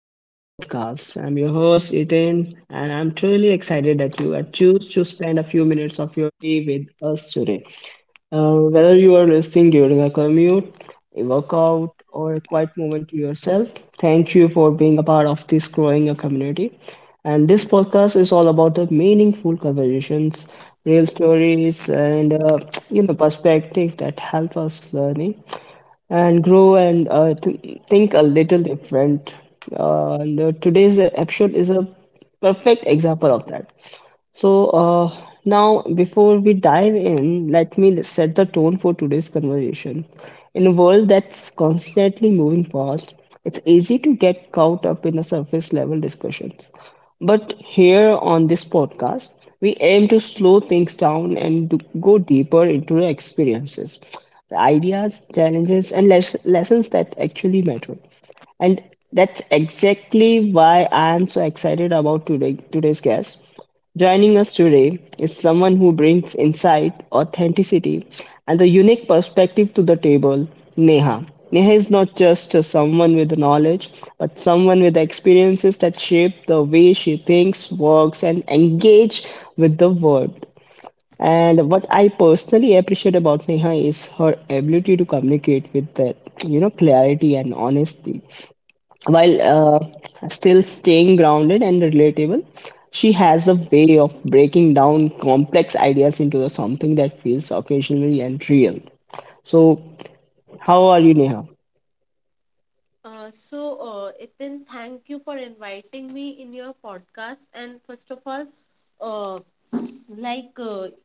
back to podcast. I'm your host Ethan and I'm truly excited that you have choose to spend a few minutes of your day with us today. Whether you are listening during a commute, a workout or a quiet moment to yourself, thank you for being a part of this growing a community. And this podcast is all about the meaningful conversations, real stories and perspective that help us learning and grow and think a little different. And Today's episode is a perfect example of that. So, uh, Now before we dive in, let me set the tone for today's conversation. In a world that's constantly moving fast, it's easy to get caught up in the surface level discussions. But here on this podcast, we aim to slow things down and to go deeper into the experiences, the ideas, challenges, and lessons that actually matter. And that's exactly why I am so excited about today's guest. Joining us today is someone who brings insight, authenticity, and a unique perspective to the table, Neha. Neha is not just someone with knowledge, but someone with experiences that shape the way she thinks, works, and engages with the world. And what I personally appreciate about Neha is her ability to communicate with clarity and honesty. While still staying grounded and relatable, she has a way of breaking down complex ideas into something that feels occasionally and real. So, how are you, Neha? Itin, thank you for inviting me in your podcast. And first of all, uh, like, uh,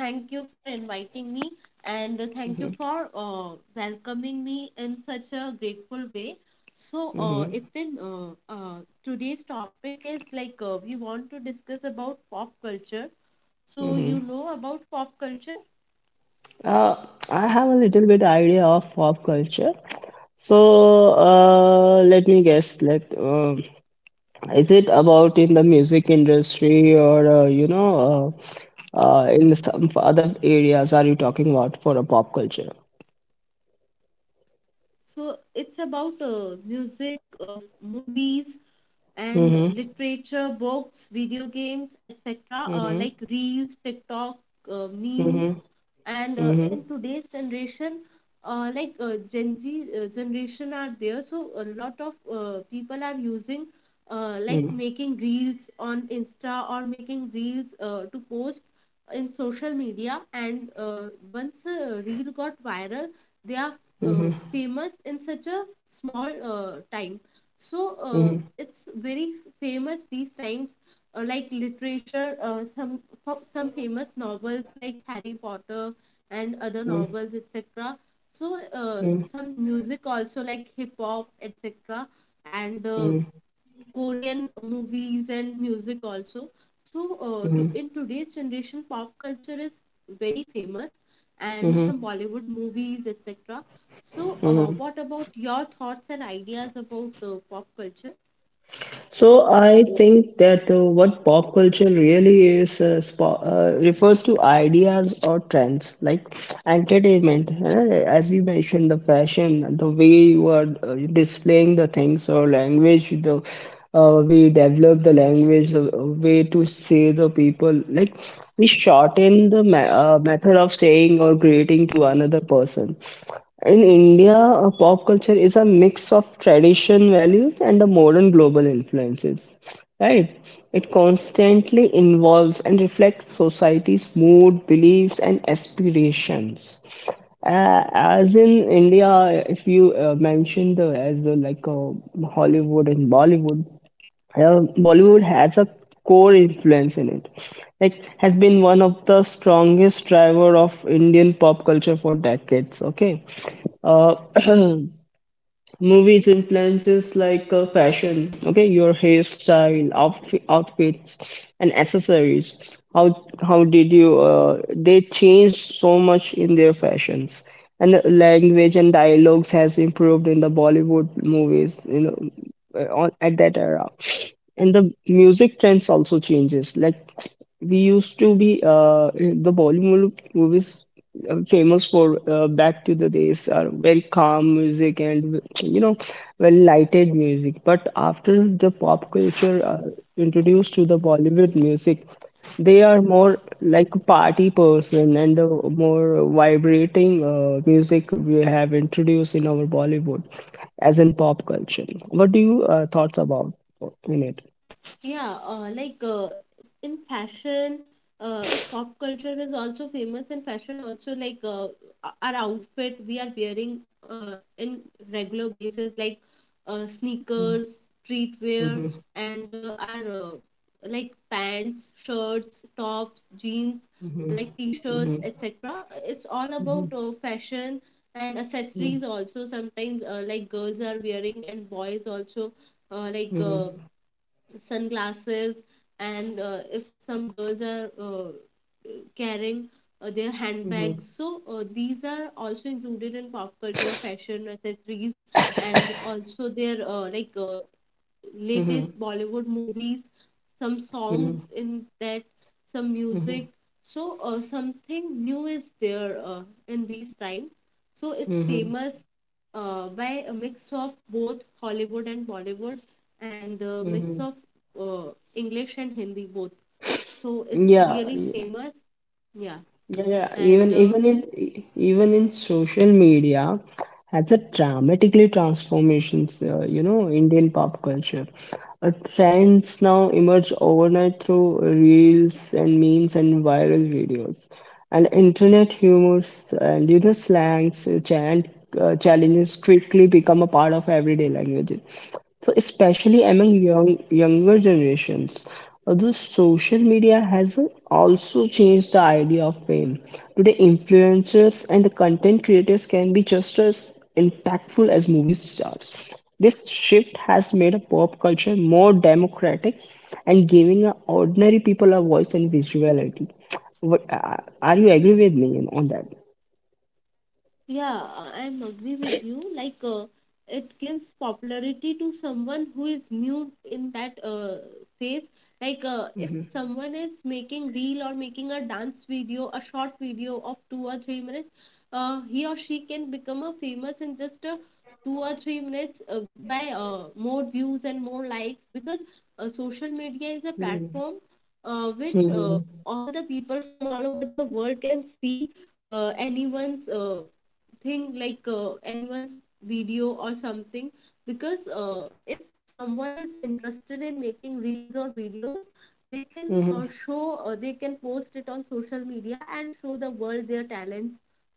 thank you for inviting me, and thank you Hmm. for welcoming me in such a grateful way. So, uh, Hmm. Itin, uh, uh, today's topic is like we want to discuss about pop culture. So, Hmm. you know about pop culture? I have a little bit idea of pop culture. Let me guess. Is it about in the music industry or in some other areas? Are you talking about for a pop culture? So it's about music, movies, and literature, books, video games, etc. Mhm. Like reels, TikTok, memes, Mhm. and Mhm. in today's generation, Gen Z generation are there. So a lot of people are using. Like Mm. making reels on Insta, or making reels to post in social media, and once a reel got viral, they are Mhm. famous in such a small time, so Mhm. it's very famous these times. Like literature, some some famous novels like Harry Potter and other Mm. novels, etc. So Mm. some music also, like hip hop, etc., and Mm. Korean movies and music also. So Mhm. in today's generation, pop culture is very famous, and Mhm. some Bollywood movies, etc. So Mhm. what about your thoughts and ideas about pop culture? So I think that what pop culture really is refers to ideas or trends like entertainment, as you mentioned, the fashion, the way you are displaying the things or language, the we develop the language, the way to say the people. Like we shorten the method of saying or greeting to another person. In India, pop culture is a mix of tradition values and the modern global influences, right? It constantly involves and reflects society's mood, beliefs, and aspirations. As in India, if you mentioned as like Hollywood and Bollywood, Bollywood has a core influence in it. Like has been one of the strongest driver of Indian pop culture for decades. Okay. uh, Movies influences like fashion, okay, your hairstyle, outfits, and accessories. How did you? They changed so much in their fashions, and the language and dialogues has improved in the Bollywood movies. You know, on at that era, and the music trends also changes. Like we used to be the Bollywood movies famous for back to the days are very calm music and you know well lighted music but after the pop culture introduced to the Bollywood music, they are more like a party person and the more vibrating music we have introduced in our Bollywood. As in pop culture, what do you thoughts about in it? Yeah, in fashion, pop culture is also famous in fashion. Also, like our outfit we are wearing in regular basis, like Mm-hmm. sneakers, streetwear, Mm-hmm. and our like pants, shirts, tops, jeans, like t-shirts, Mm-hmm. etc. It's all about Hmm. Fashion and accessories also. Sometimes like girls are wearing and boys also uh, like. Hmm. Uh, sunglasses, and if some girls are carrying their Hmm. handbags, so these are also included in pop culture fashion accessories, and also their latest Bollywood movies, some songs Hmm. in that, some Mm-hmm. music. So something new is there in these times. So it's Mm-hmm. famous by a mix of both Hollywood and Bollywood, and the Mm-hmm. mix of uh, English and Hindi both. So it's Yeah, really yeah, famous. Yeah, yeah, yeah. and Even in social media, has a dramatically transformations. You know, Indian pop culture. Trends now emerge overnight through reels and memes and viral videos, and internet humors and you know slangs, chant, challenges quickly become a part of everyday language. So especially among younger generations. The social media has also changed the idea of fame. Today, influencers and the content creators can be just as impactful as movie stars. This shift has made a pop culture more democratic and giving a ordinary people a voice and visuality. What, uh, are you agree with me on that? yeah, I'm agree with you. Like, it gives popularity to someone who is new in that phase. Like, if Mhm. someone is making reel or making a dance video, a short video of 2 or 3 minutes, he or she can become a famous in just 2 or 3 minutes, by more views and more likes, because social media is a Mhm. platform which Mhm. all the people from all over the world can see anyone's thing, like anyone's video or something. Because if someone is interested in making reels or videos, they can Mhm. show they can post it on social media and show the world their talents.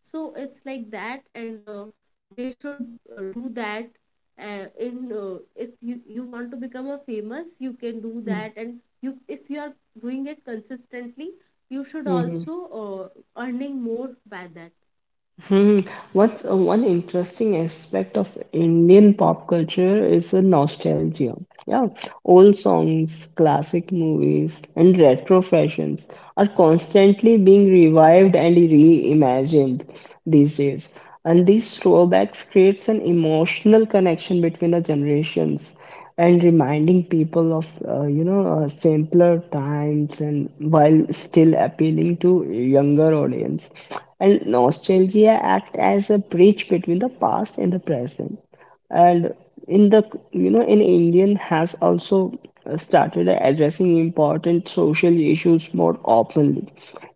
So it's like that, and they should do that in if you want to become a famous, you can do that. And you, if you are doing it consistently, you should Mhm. also earning more by that. Hmm. What's one interesting aspect of Indian pop culture is a nostalgia. Yeah, old songs, classic movies, and retro fashions are constantly being revived and reimagined these days. And these throwbacks creates an emotional connection between the generations and reminding people of simpler times and while still appealing to younger audience, and nostalgia act as a bridge between the past and the present, and in the in Indian has also started addressing important social issues more openly.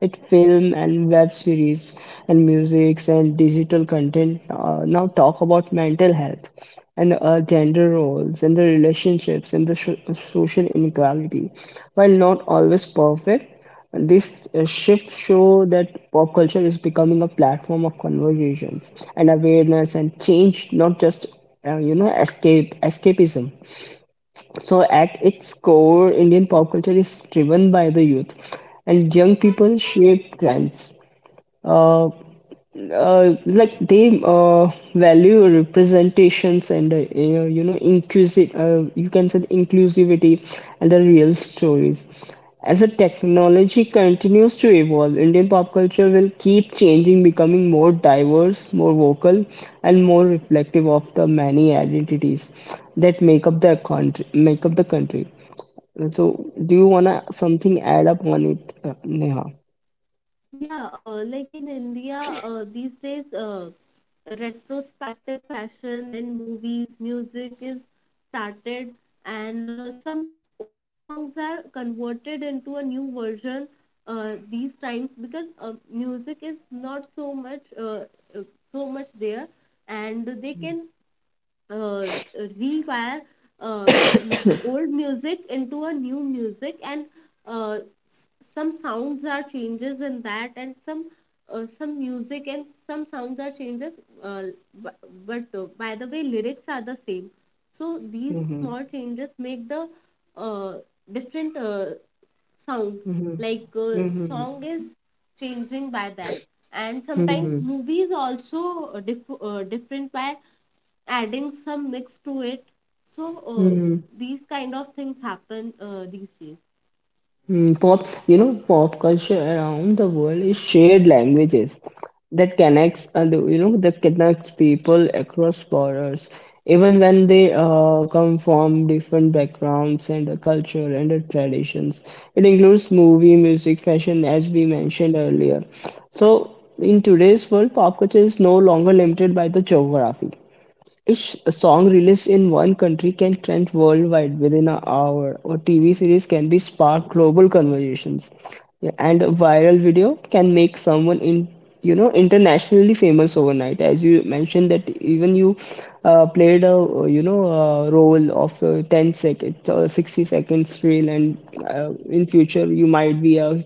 It film and web series and musics and digital content now talk about mental health and gender roles and the relationships and the social inequality. While not always perfect, this shift show that pop culture is becoming a platform of conversations and awareness and change, not just escape escapism. So at its core, Indian pop culture is driven by the youth, and young people shape trends. Uh, like they Value representations and inclusive you can say inclusivity and the real stories. As the technology continues to evolve, Indian pop culture will keep changing, becoming more diverse, more vocal, and more reflective of the many identities that make up the country. And so, do you want to something add up on it, Neha? Yeah, like in India, these days, retrospective fashion and movies, music is started, and some old songs are converted into a new version these times, because music is not so much uh, so much there, and they can uh, rewire uh, old music into a new music, and uh, s- some sounds are changes in that, and some music and some sounds are changes uh, but, but by the way lyrics are the same. So these Mm-hmm. small changes make the uh, different sound, like Mm-hmm. song is changing by that. And sometimes Mm-hmm. movies also different by adding some mix to it. So Mm, these kind of things happen these days. Pop, pop culture around the world is shared languages that connects, that connects people across borders, even when they come from different backgrounds and a culture and a traditions. It includes movie, music, fashion, as we mentioned earlier. So, in today's world, pop culture is no longer limited by the geography. Each song released in one country can trend worldwide within an hour. A TV series can be spark global conversations, yeah, and a viral video can make someone in internationally famous overnight. As you mentioned, that even you played a a role of 10 seconds or 60 seconds reel, and in future you might be a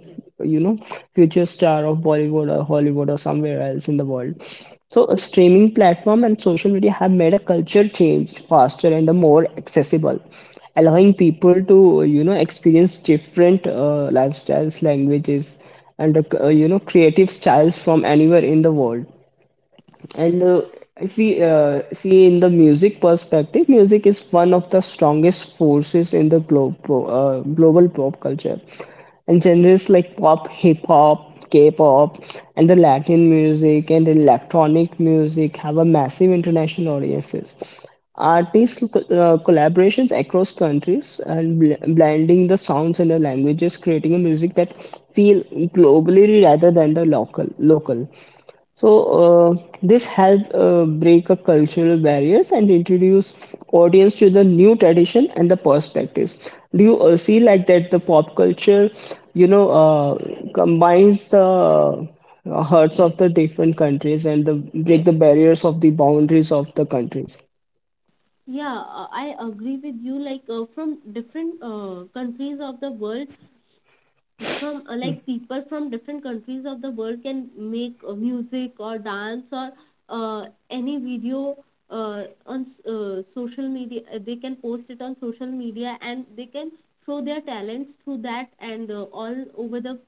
you know future star of Bollywood or Hollywood or somewhere else in the world. So, a streaming platform and social media have made a culture change faster and more accessible, allowing people to experience different lifestyles, languages, and creative styles from anywhere in the world. And if we see in the music perspective, music is one of the strongest forces in the globe, global pop culture. And genres like pop, hip hop, K pop, and the Latin music and electronic music have a massive international audiences. Artists' collaborations across countries and blending the sounds and the languages, creating a music that feel globally rather than the local. So this helped break a cultural barriers and introduce audience to the new tradition and the perspectives. Do you see like that the pop culture, you know, combines the hearts of the different countries and the break the barriers of the boundaries of the countries? Yeah, I agree with you. Like from different countries of the world, from like people from different countries of the world can make music or dance or uh, any video social media. They can post it on social media, and they can show their talents through that, and all over the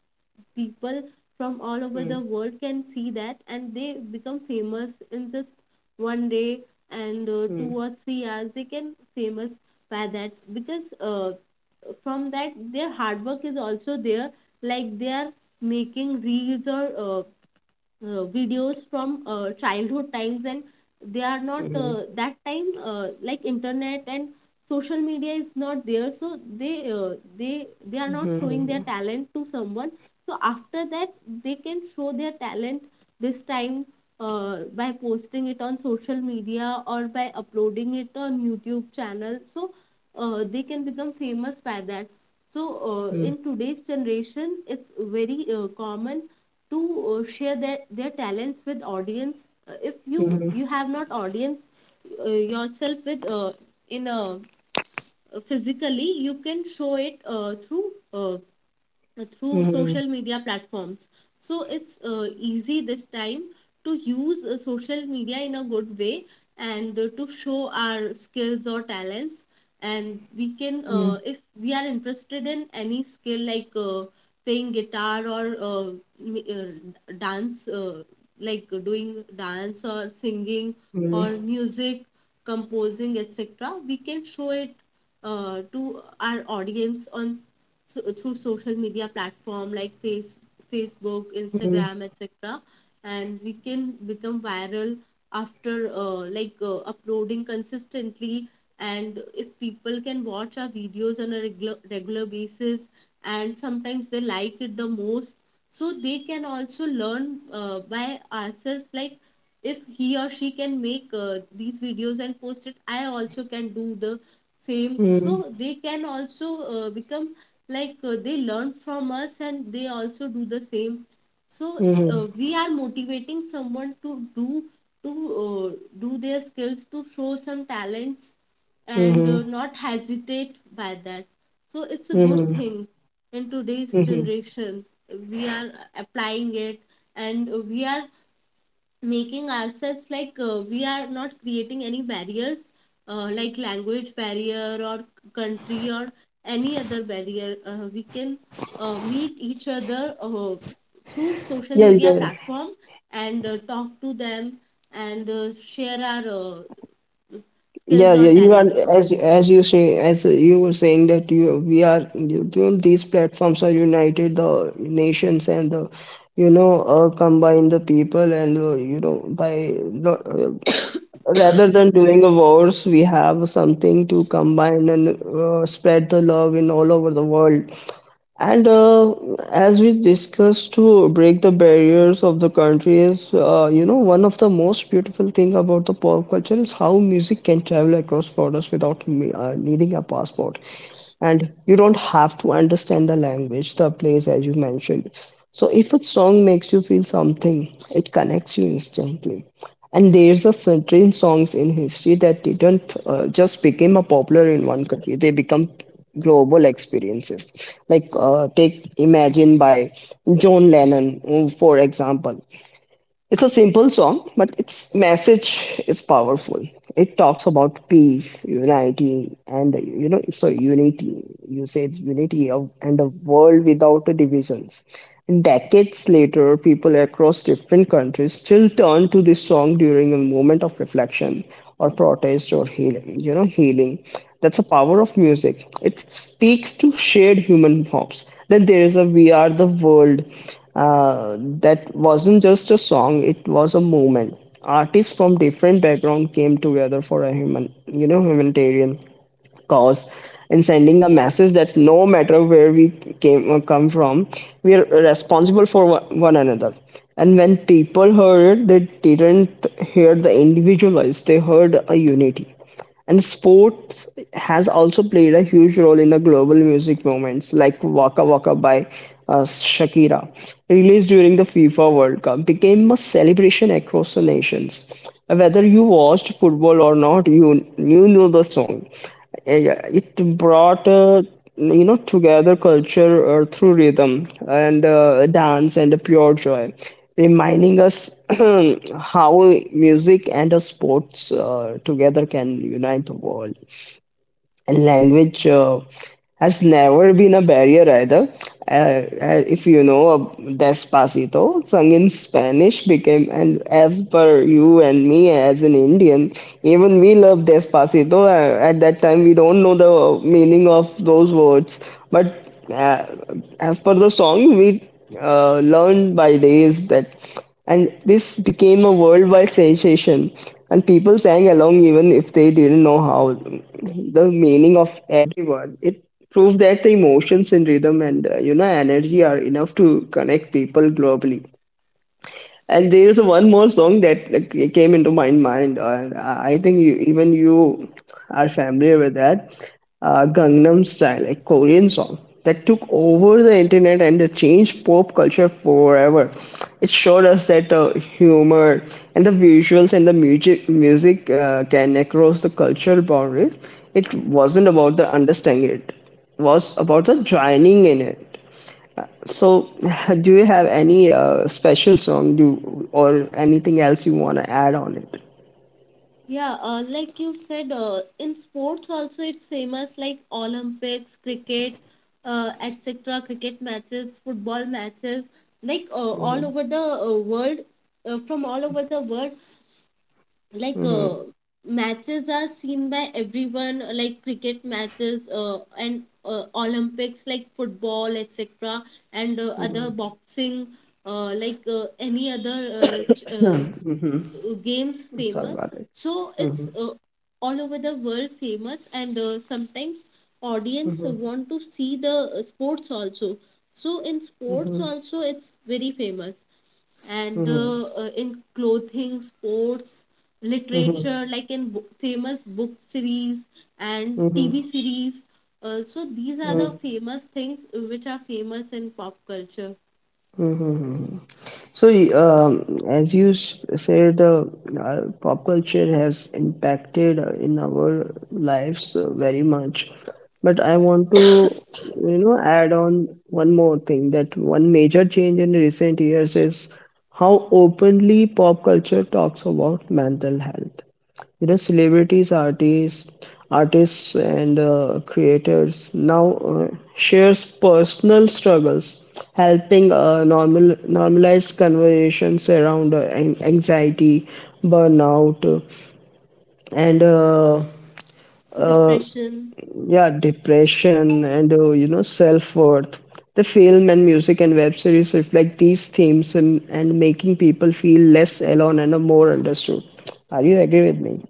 people from all over the Hmm. world can see that, and they become famous in just one day, and two Hmm. or three hours they can famous by that. Because from that, their hard work is also there. Like they are making reels or uh, videos from childhood times, and they are not Hmm. That time like internet and social media is not there, so they they are not showing their Hmm. talent to someone. So after that they can show their talent this time by posting it on social media or by uploading it on YouTube channel. So they can become famous by that. So Hmm. in today's generation it's very common to share their talents with audience. If you Hmm. you have not audience yourself with in a physically, you can show it uh, through social media platforms. So it's easy this time to use social media in a good way, and to show our skills or talents. And we can, Hmm. Hmm. If we are interested in any skill, like playing guitar, or dance, like doing dance or singing or music, composing, etc., we can show it to our audience on so, through social media platform like Facebook, Hmm. Instagram, etc. And we can become viral after uploading consistently. And if people can watch our videos on a regular basis, and sometimes they like it the most, so they can also learn by ourselves, like if he or she can make these videos and post it, I also can do the same. So they can also become like they learn from us and they also do the same. So we are motivating someone to uh, do their skills, to show some talents, and Hmm. Not hesitate by that. So it's a good Hmm. thing in today's Hmm. generation. We are applying it, and we are making ourselves like we are not creating any barriers, like language barrier or country or any other barrier. We can meet each other through social Yeah, media yeah. platform, and talk to them, and share our skills Yeah, or yeah, you are talents. as you say, as you were saying that you we are, you know, these platforms are united the nations and the combine the people and you know rather than doing a wars we have something to combine and spread the love in all over the world. And As we discussed, to break the barriers of the country is, one of the most beautiful thing about the pop culture is how music can travel across borders without needing a passport. And you don't have to understand the language, the place, as you mentioned. So if a song makes you feel something, it connects you instantly. And there's a certain songs in history that didn't just become a popular in one country; they become global experiences. Like take "Imagine" by John Lennon, for example. It's a simple song, but its message is powerful. It talks about peace, unity, and unity. You say it's unity of and a world without divisions. Decades later, people across different countries still turn to this song during a moment of reflection or protest or healing. Healing. That's the power of music. It speaks to shared human hopes. That there is a We Are the World, that wasn't just a song, it was a movement. Artists from different background came together for a humanitarian cause and sending a message that no matter where we came or come from we are responsible for one another, and when people heard it they didn't hear the individuals, they heard a unity. And sports has also played a huge role in the global music movements like Waka Waka by uh, Shakira, released during the FIFA World Cup, became a celebration across the nations. Whether you watched football or not, you knew the song. Yeah, yeah, it brought together culture through rhythm and dance and pure joy, reminding us how music and sports together can unite the world. And language has never been a barrier either. If you know, Despacito, sung in Spanish, became, and as per you and me as an Indian, even we love Despacito. At that time, we don't know the meaning of those words, but as per the song, we learned by days that, and this became a worldwide sensation. And people sang along even if they didn't know how the meaning of every word. It prove that the emotions and rhythm and energy are enough to connect people globally. And there is one more song that came into my mind, and I think you, even you are familiar with that: Gangnam Style, a Korean song that took over the internet and it changed pop culture forever. It showed us that humor and the visuals and the music can across the cultural boundaries. It wasn't about the understanding it, was about the joining in it. So, do you have any special song do or anything else you want to add on it? Yeah, like you said, in sports also it's famous, like Olympics, cricket, etc. Cricket matches, football matches, like all over the world, from all over the world, like matches are seen by everyone, like cricket matches and Olympics, like football, etc., and other Hmm. boxing, any other Hmm. Games Sorry famous. about it. So Hmm. it's all over the world famous, and sometimes audience Hmm. want to see the sports also. So in sports Hmm. also it's very famous, and Hmm. In clothing sports, literature, like in famous book series and TV Hmm. series. So these are the Hmm. famous things which are famous in pop culture. Hmm. So, as you said, pop culture has impacted in our lives very much. But I want to, you know, add on one more thing that one major change in recent years is how openly pop culture talks about mental health. You know, celebrities, artists and creators now shares personal struggles, helping normalize conversations around anxiety, burnout, and uh, Depression. yeah, depression and self-worth. The film and music and web series reflect these themes and making people feel less alone and more understood. Are you agree with me?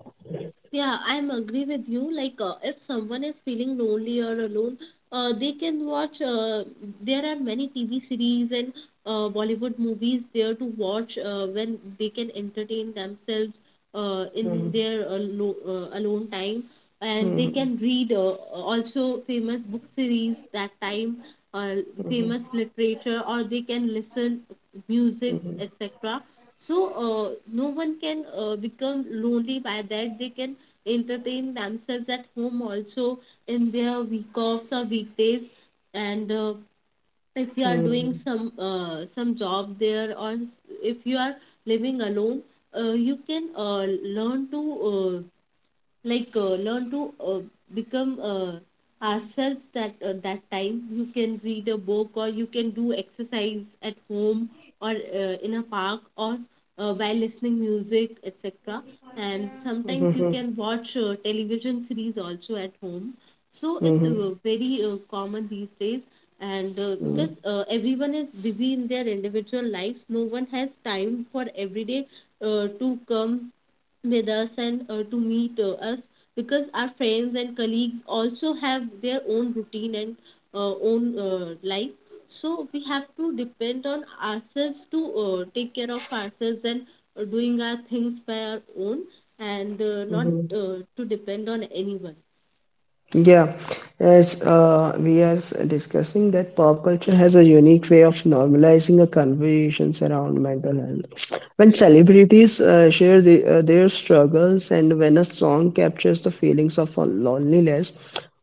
Yeah, I'm agree with you. Like, if someone is feeling lonely or alone, they can watch. There are many TV series and Bollywood movies there to watch when they can entertain themselves in Mhm. their alone time, and they Mhm. can read also famous book series that time, uh, famous Mhm. literature, or they can listen music, Mhm. etc. So no one can become lonely by that. They can entertain themselves at home also, in their week offs or weekdays. And if you are doing Mhm. Some job there, or if you are living alone, you can uh, learn to become ourselves, that that time you can read a book, or you can do exercise at home, or in a park, or while listening music, etc. And sometimes you Mhm. can watch television series also at home. So it's Mhm. very common these days. And Mhm. because everyone is busy in their individual lives, no one has time for everyday to come with us, and to meet us, because our friends and colleagues also have their own routine, and own life. So we have to depend on ourselves to take care of ourselves, and doing our things by our own, and not Mhm. To depend on anyone. Yeah, as we are discussing that pop culture has a unique way of normalizing the conversations around mental health. When celebrities share the, their struggles, and when a song captures the feelings of loneliness,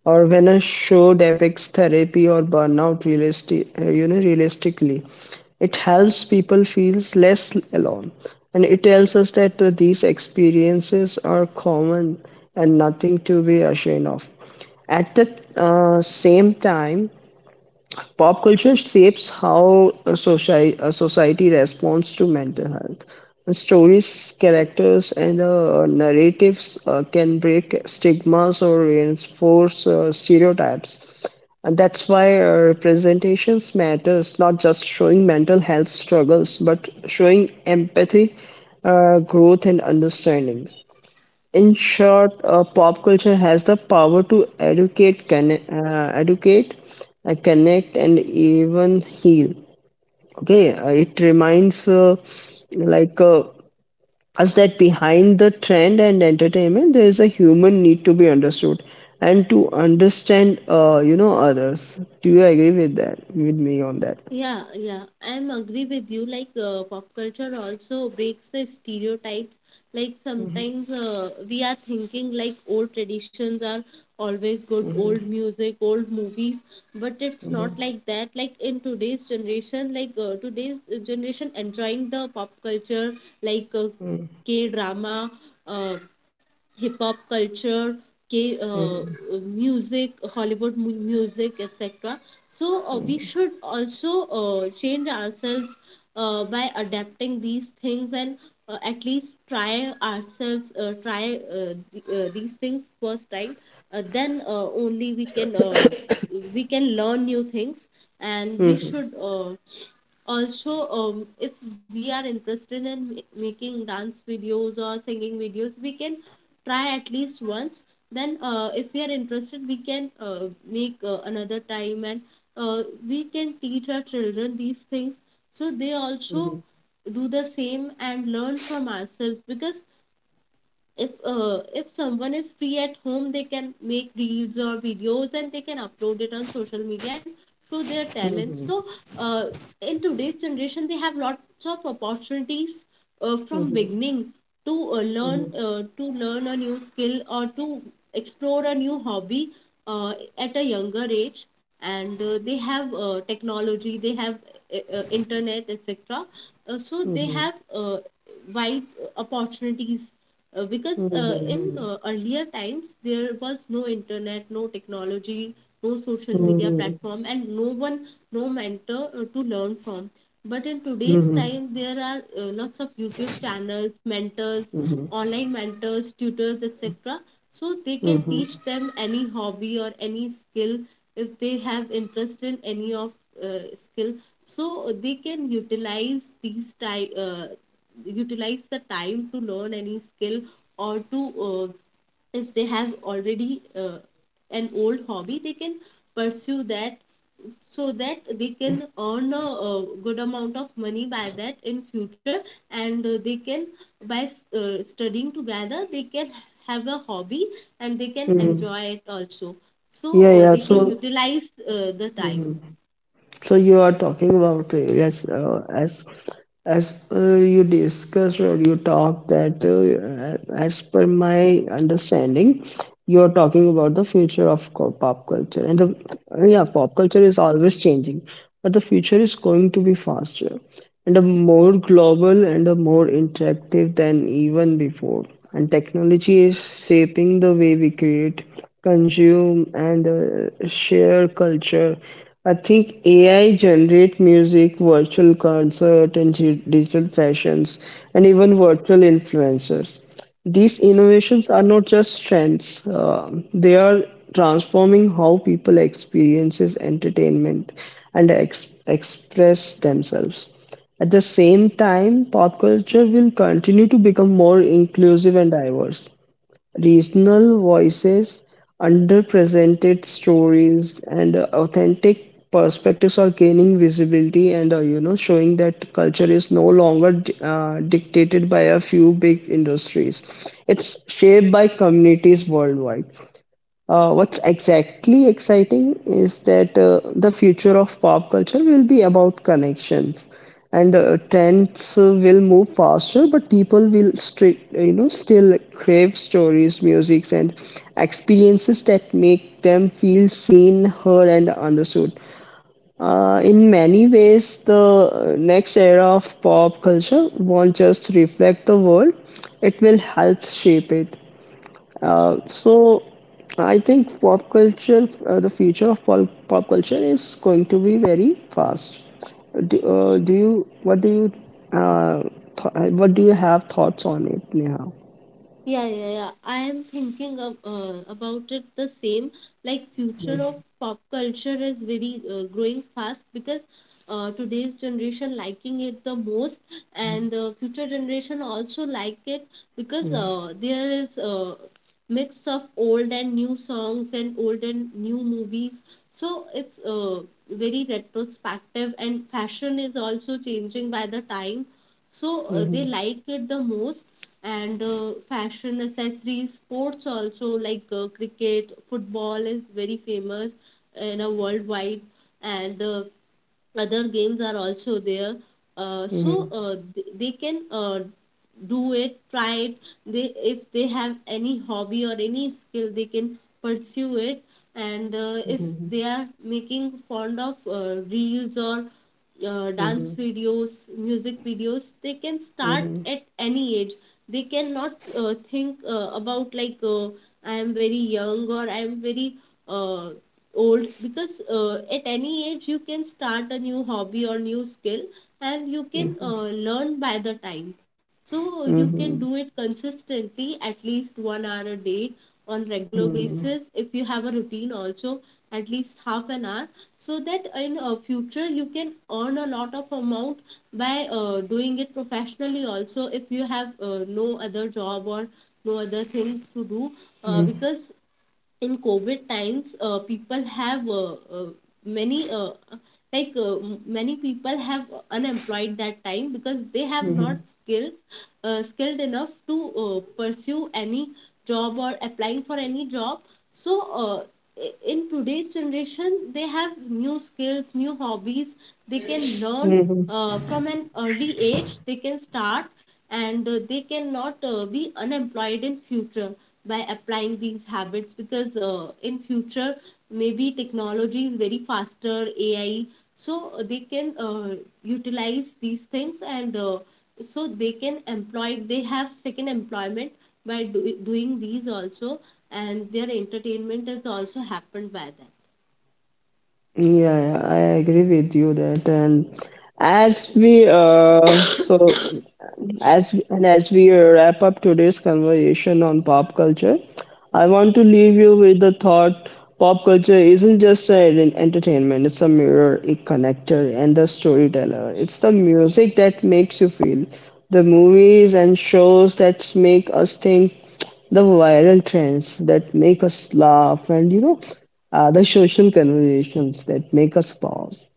or when a show depicts therapy or burnout realistically, it helps people feel less alone. And it tells us that these experiences are common and nothing to be ashamed of. At the same time, pop culture shapes how a a society responds to mental health. The stories, characters, and narratives can break stigmas or reinforce stereotypes. And that's why representations matters, not just showing mental health struggles, but showing empathy, growth, and understanding. In short, pop culture has the power to educate, educate, connect, and even heal. Okay, it reminds like us that behind the trend and entertainment, there is a human need to be understood and to understand, others. Do you agree with that? With me on that? Yeah, yeah, I'm agree with you. Like pop culture also breaks the stereotypes. Like sometimes we are thinking like old traditions are always good, old music, old movies, but it's not Hmm. like that. Like in today's generation, like today's generation enjoying the pop culture, like Hmm. K drama, uh, hip hop culture, K, uh, Hmm. music, Hollywood music, etc. So we should also change ourselves by adapting these things and at least try ourselves, these things first time. Then only we can learn new things and Hmm. we Hmm. should also if we are interested in making dance videos or singing videos we can try at least once then if we are interested we can make another time and uh, we can teach our children these things so they also Hmm. do the same and learn from ourselves because if someone is free at home they can make reels or videos and they can upload it on social media and show their talents so Hmm. uh, in today's generation they have lots of opportunities from Hmm. beginning to learn to learn a new skill or to explore a new hobby uh, at a younger age and they have technology they have internet etc. So Hmm. they Hmm. have wide opportunities uh, because uh, in Mhm. uh, earlier times there was no internet, no technology, no social media Mhm. platform, and no one, no mentor to learn from. But in today's Mhm. time, there are lots of YouTube channels, mentors, Mhm. online mentors, tutors, etc. So they can Mhm. teach them any hobby or any skill if they have interest in any of skill. So they can utilize these time. Utilize the time to learn any skill or to uh, if they have already an old hobby they can pursue that so that they can earn a, good amount of money by that in future and they can by studying together they can have a hobby and they can Mhm. enjoy it also. So Yeah, yeah. they can So, utilize the time. mhm. So you are talking about yes, as you discussed or you talked that as per my understanding, you are talking about the future of pop culture, and the yeah, pop culture is always changing, but the future is going to be faster and a more global and a more interactive than even before. And technology is shaping the way we create, consume, and share culture. I think AI generate music, virtual concert, and digital fashions, and even virtual influencers. These innovations are not just trends; they are transforming how people experiences entertainment and express themselves. At the same time, pop culture will continue to become more inclusive and diverse. Regional voices, underrepresented stories, and authentic perspectives are gaining visibility and showing that culture is no longer dictated by a few big industries. It's shaped by communities worldwide. What's exactly exciting is that the future of pop culture will be about connections, and trends will move faster, but people will still crave stories, musics, and experiences that make them feel seen, heard, and understood. In many ways, the next era of pop culture won't just reflect the world; it will help shape it. So I think pop culture, the future of pop, pop culture is going to be very fast. Do, do you, what do you, uh, th- What do you have thoughts on it, Neha? Yeah, yeah, yeah, I am thinking of, about it the same. Like future of pop culture is very growing fast because today's generation liking it the most, and the future generation also like it because there is a mix of old and new songs and old and new movies. So it's very retrospective, and fashion is also changing by the time. So they Mm-hmm. like it the most, and fashion accessories, sports also like cricket, football is very famous in a worldwide, and other games are also there. uh, so Mm-hmm. uh, th- they can do it, try it. They, if they have any hobby or any skill they can pursue it, and if Mm-hmm. they are making fond of reels or dance videos, music videos, they can start Mm-hmm. at any age. They cannot think about like I am very young or I am very uh, old, because at any age you can start a new hobby or new skill and you can Mm-hmm. Learn by the time. So you can Mm-hmm. do it consistently at least 1 hour a day on regular Mm-hmm. basis. If you have a routine also, at least half an hour, so that in future you can earn a lot of amount by doing it professionally also, if you have no other job or no other thing to do, because in COVID times, people have uh, many uh, uh, many people have unemployed that time because they have not Mm-hmm. skills, skilled enough to pursue any job or applying for any job. So uh, in today's generation, they have new skills, new hobbies. They can learn Mm-hmm. From an early age. They can start, and they cannot be unemployed in future by applying these habits, because in future maybe technology is very faster AI. So they can utilize these things, and so they can employ, they have second employment by doing these also, and their entertainment is also happened by that. Yeah, yeah, I agree with you that. And as we so as and as we wrap up today's conversation on pop culture, I want to leave you with the thought: pop culture isn't just an entertainment, it's a mirror, a connector, and a storyteller. It's the music that makes you feel, the movies and shows that make us think, the viral trends that make us laugh and you know are the social conversations that make us pause.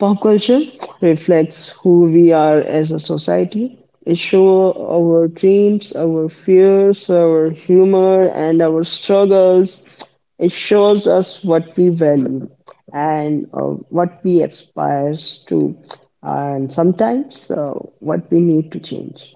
Pop culture reflects who we are as a society. It shows our dreams, our fears, our humor, and our struggles. It shows us what we value and what we aspire to, and sometimes what we need to change,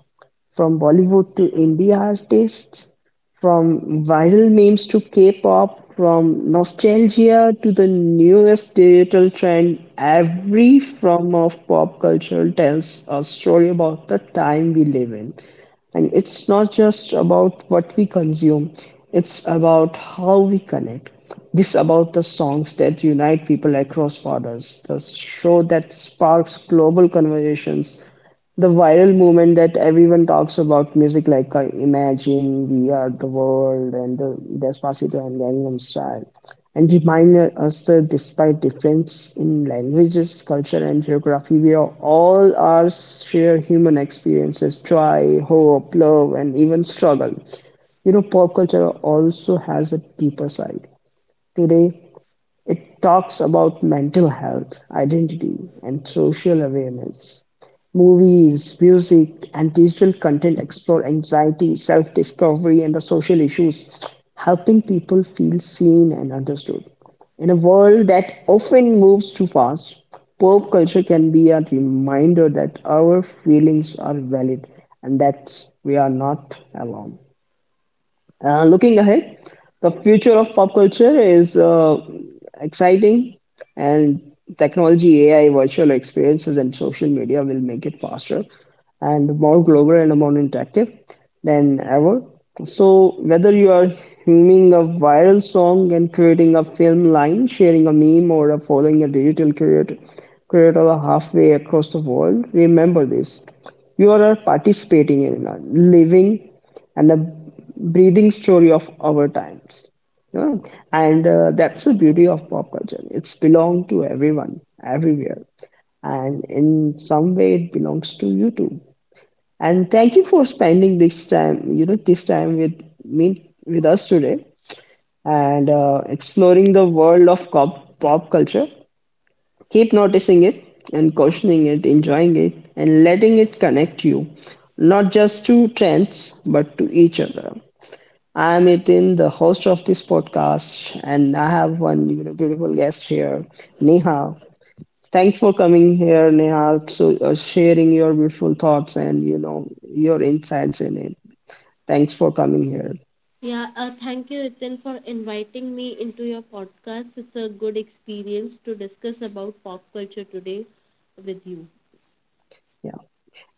from Bollywood to indie artists, from viral memes to K-pop, from nostalgia to the newest digital trend, every form of pop culture tells a story about the time we live in. And it's not just about what we consume, it's about how we connect. This about the songs that unite people across borders, the show that sparks global conversations, the viral movement that everyone talks about, music like Imagine, We Are the World, and Despacito and Gangnam Style, and remind us that despite difference in languages, culture and geography, we are all our share human experiences, joy, hope, love, and even struggle. You know, pop culture also has a deeper side today. It talks about mental health, identity, and social awareness. Movies, music, and digital content explore anxiety, self discovery, and the social issues, helping people feel seen and understood. In a world that often moves too fast, pop culture can be a reminder that our feelings are valid and that we are not alone. Looking ahead, the future of pop culture is exciting, and technology, AI, virtual experiences, and social media will make it faster and more global and more interactive than ever. So, whether you are humming a viral song and creating a film line, sharing a meme, or a following a digital creator, creator halfway across the world, remember this: you are participating in a living and the breathing story of our times, you know. And that's the beauty of pop culture. It's belong to everyone, everywhere. And in some way, it belongs to you too. And thank you for spending this time, you know, this time with me, with us today, and exploring the world of pop culture. Keep noticing it and questioning it, enjoying it, and letting it connect you, not just to trends, but to each other. I am Itin, the host of this podcast, and I have one you know beautiful guest here, Neha. Thanks for coming here, Neha, so sharing your beautiful thoughts and you know your insights in it. Thanks for coming here. Yeah, thank you Ethan for inviting me into your podcast. It's a good experience to discuss about pop culture today with you. Yeah,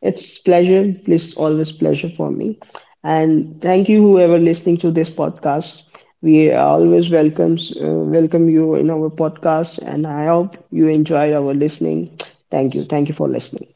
it's pleasure. Please, always pleasure for me. And thank you, whoever listening to this podcast. We always welcomes welcome you in our podcast, and I hope you enjoyed our listening. Thank you. Thank you for listening.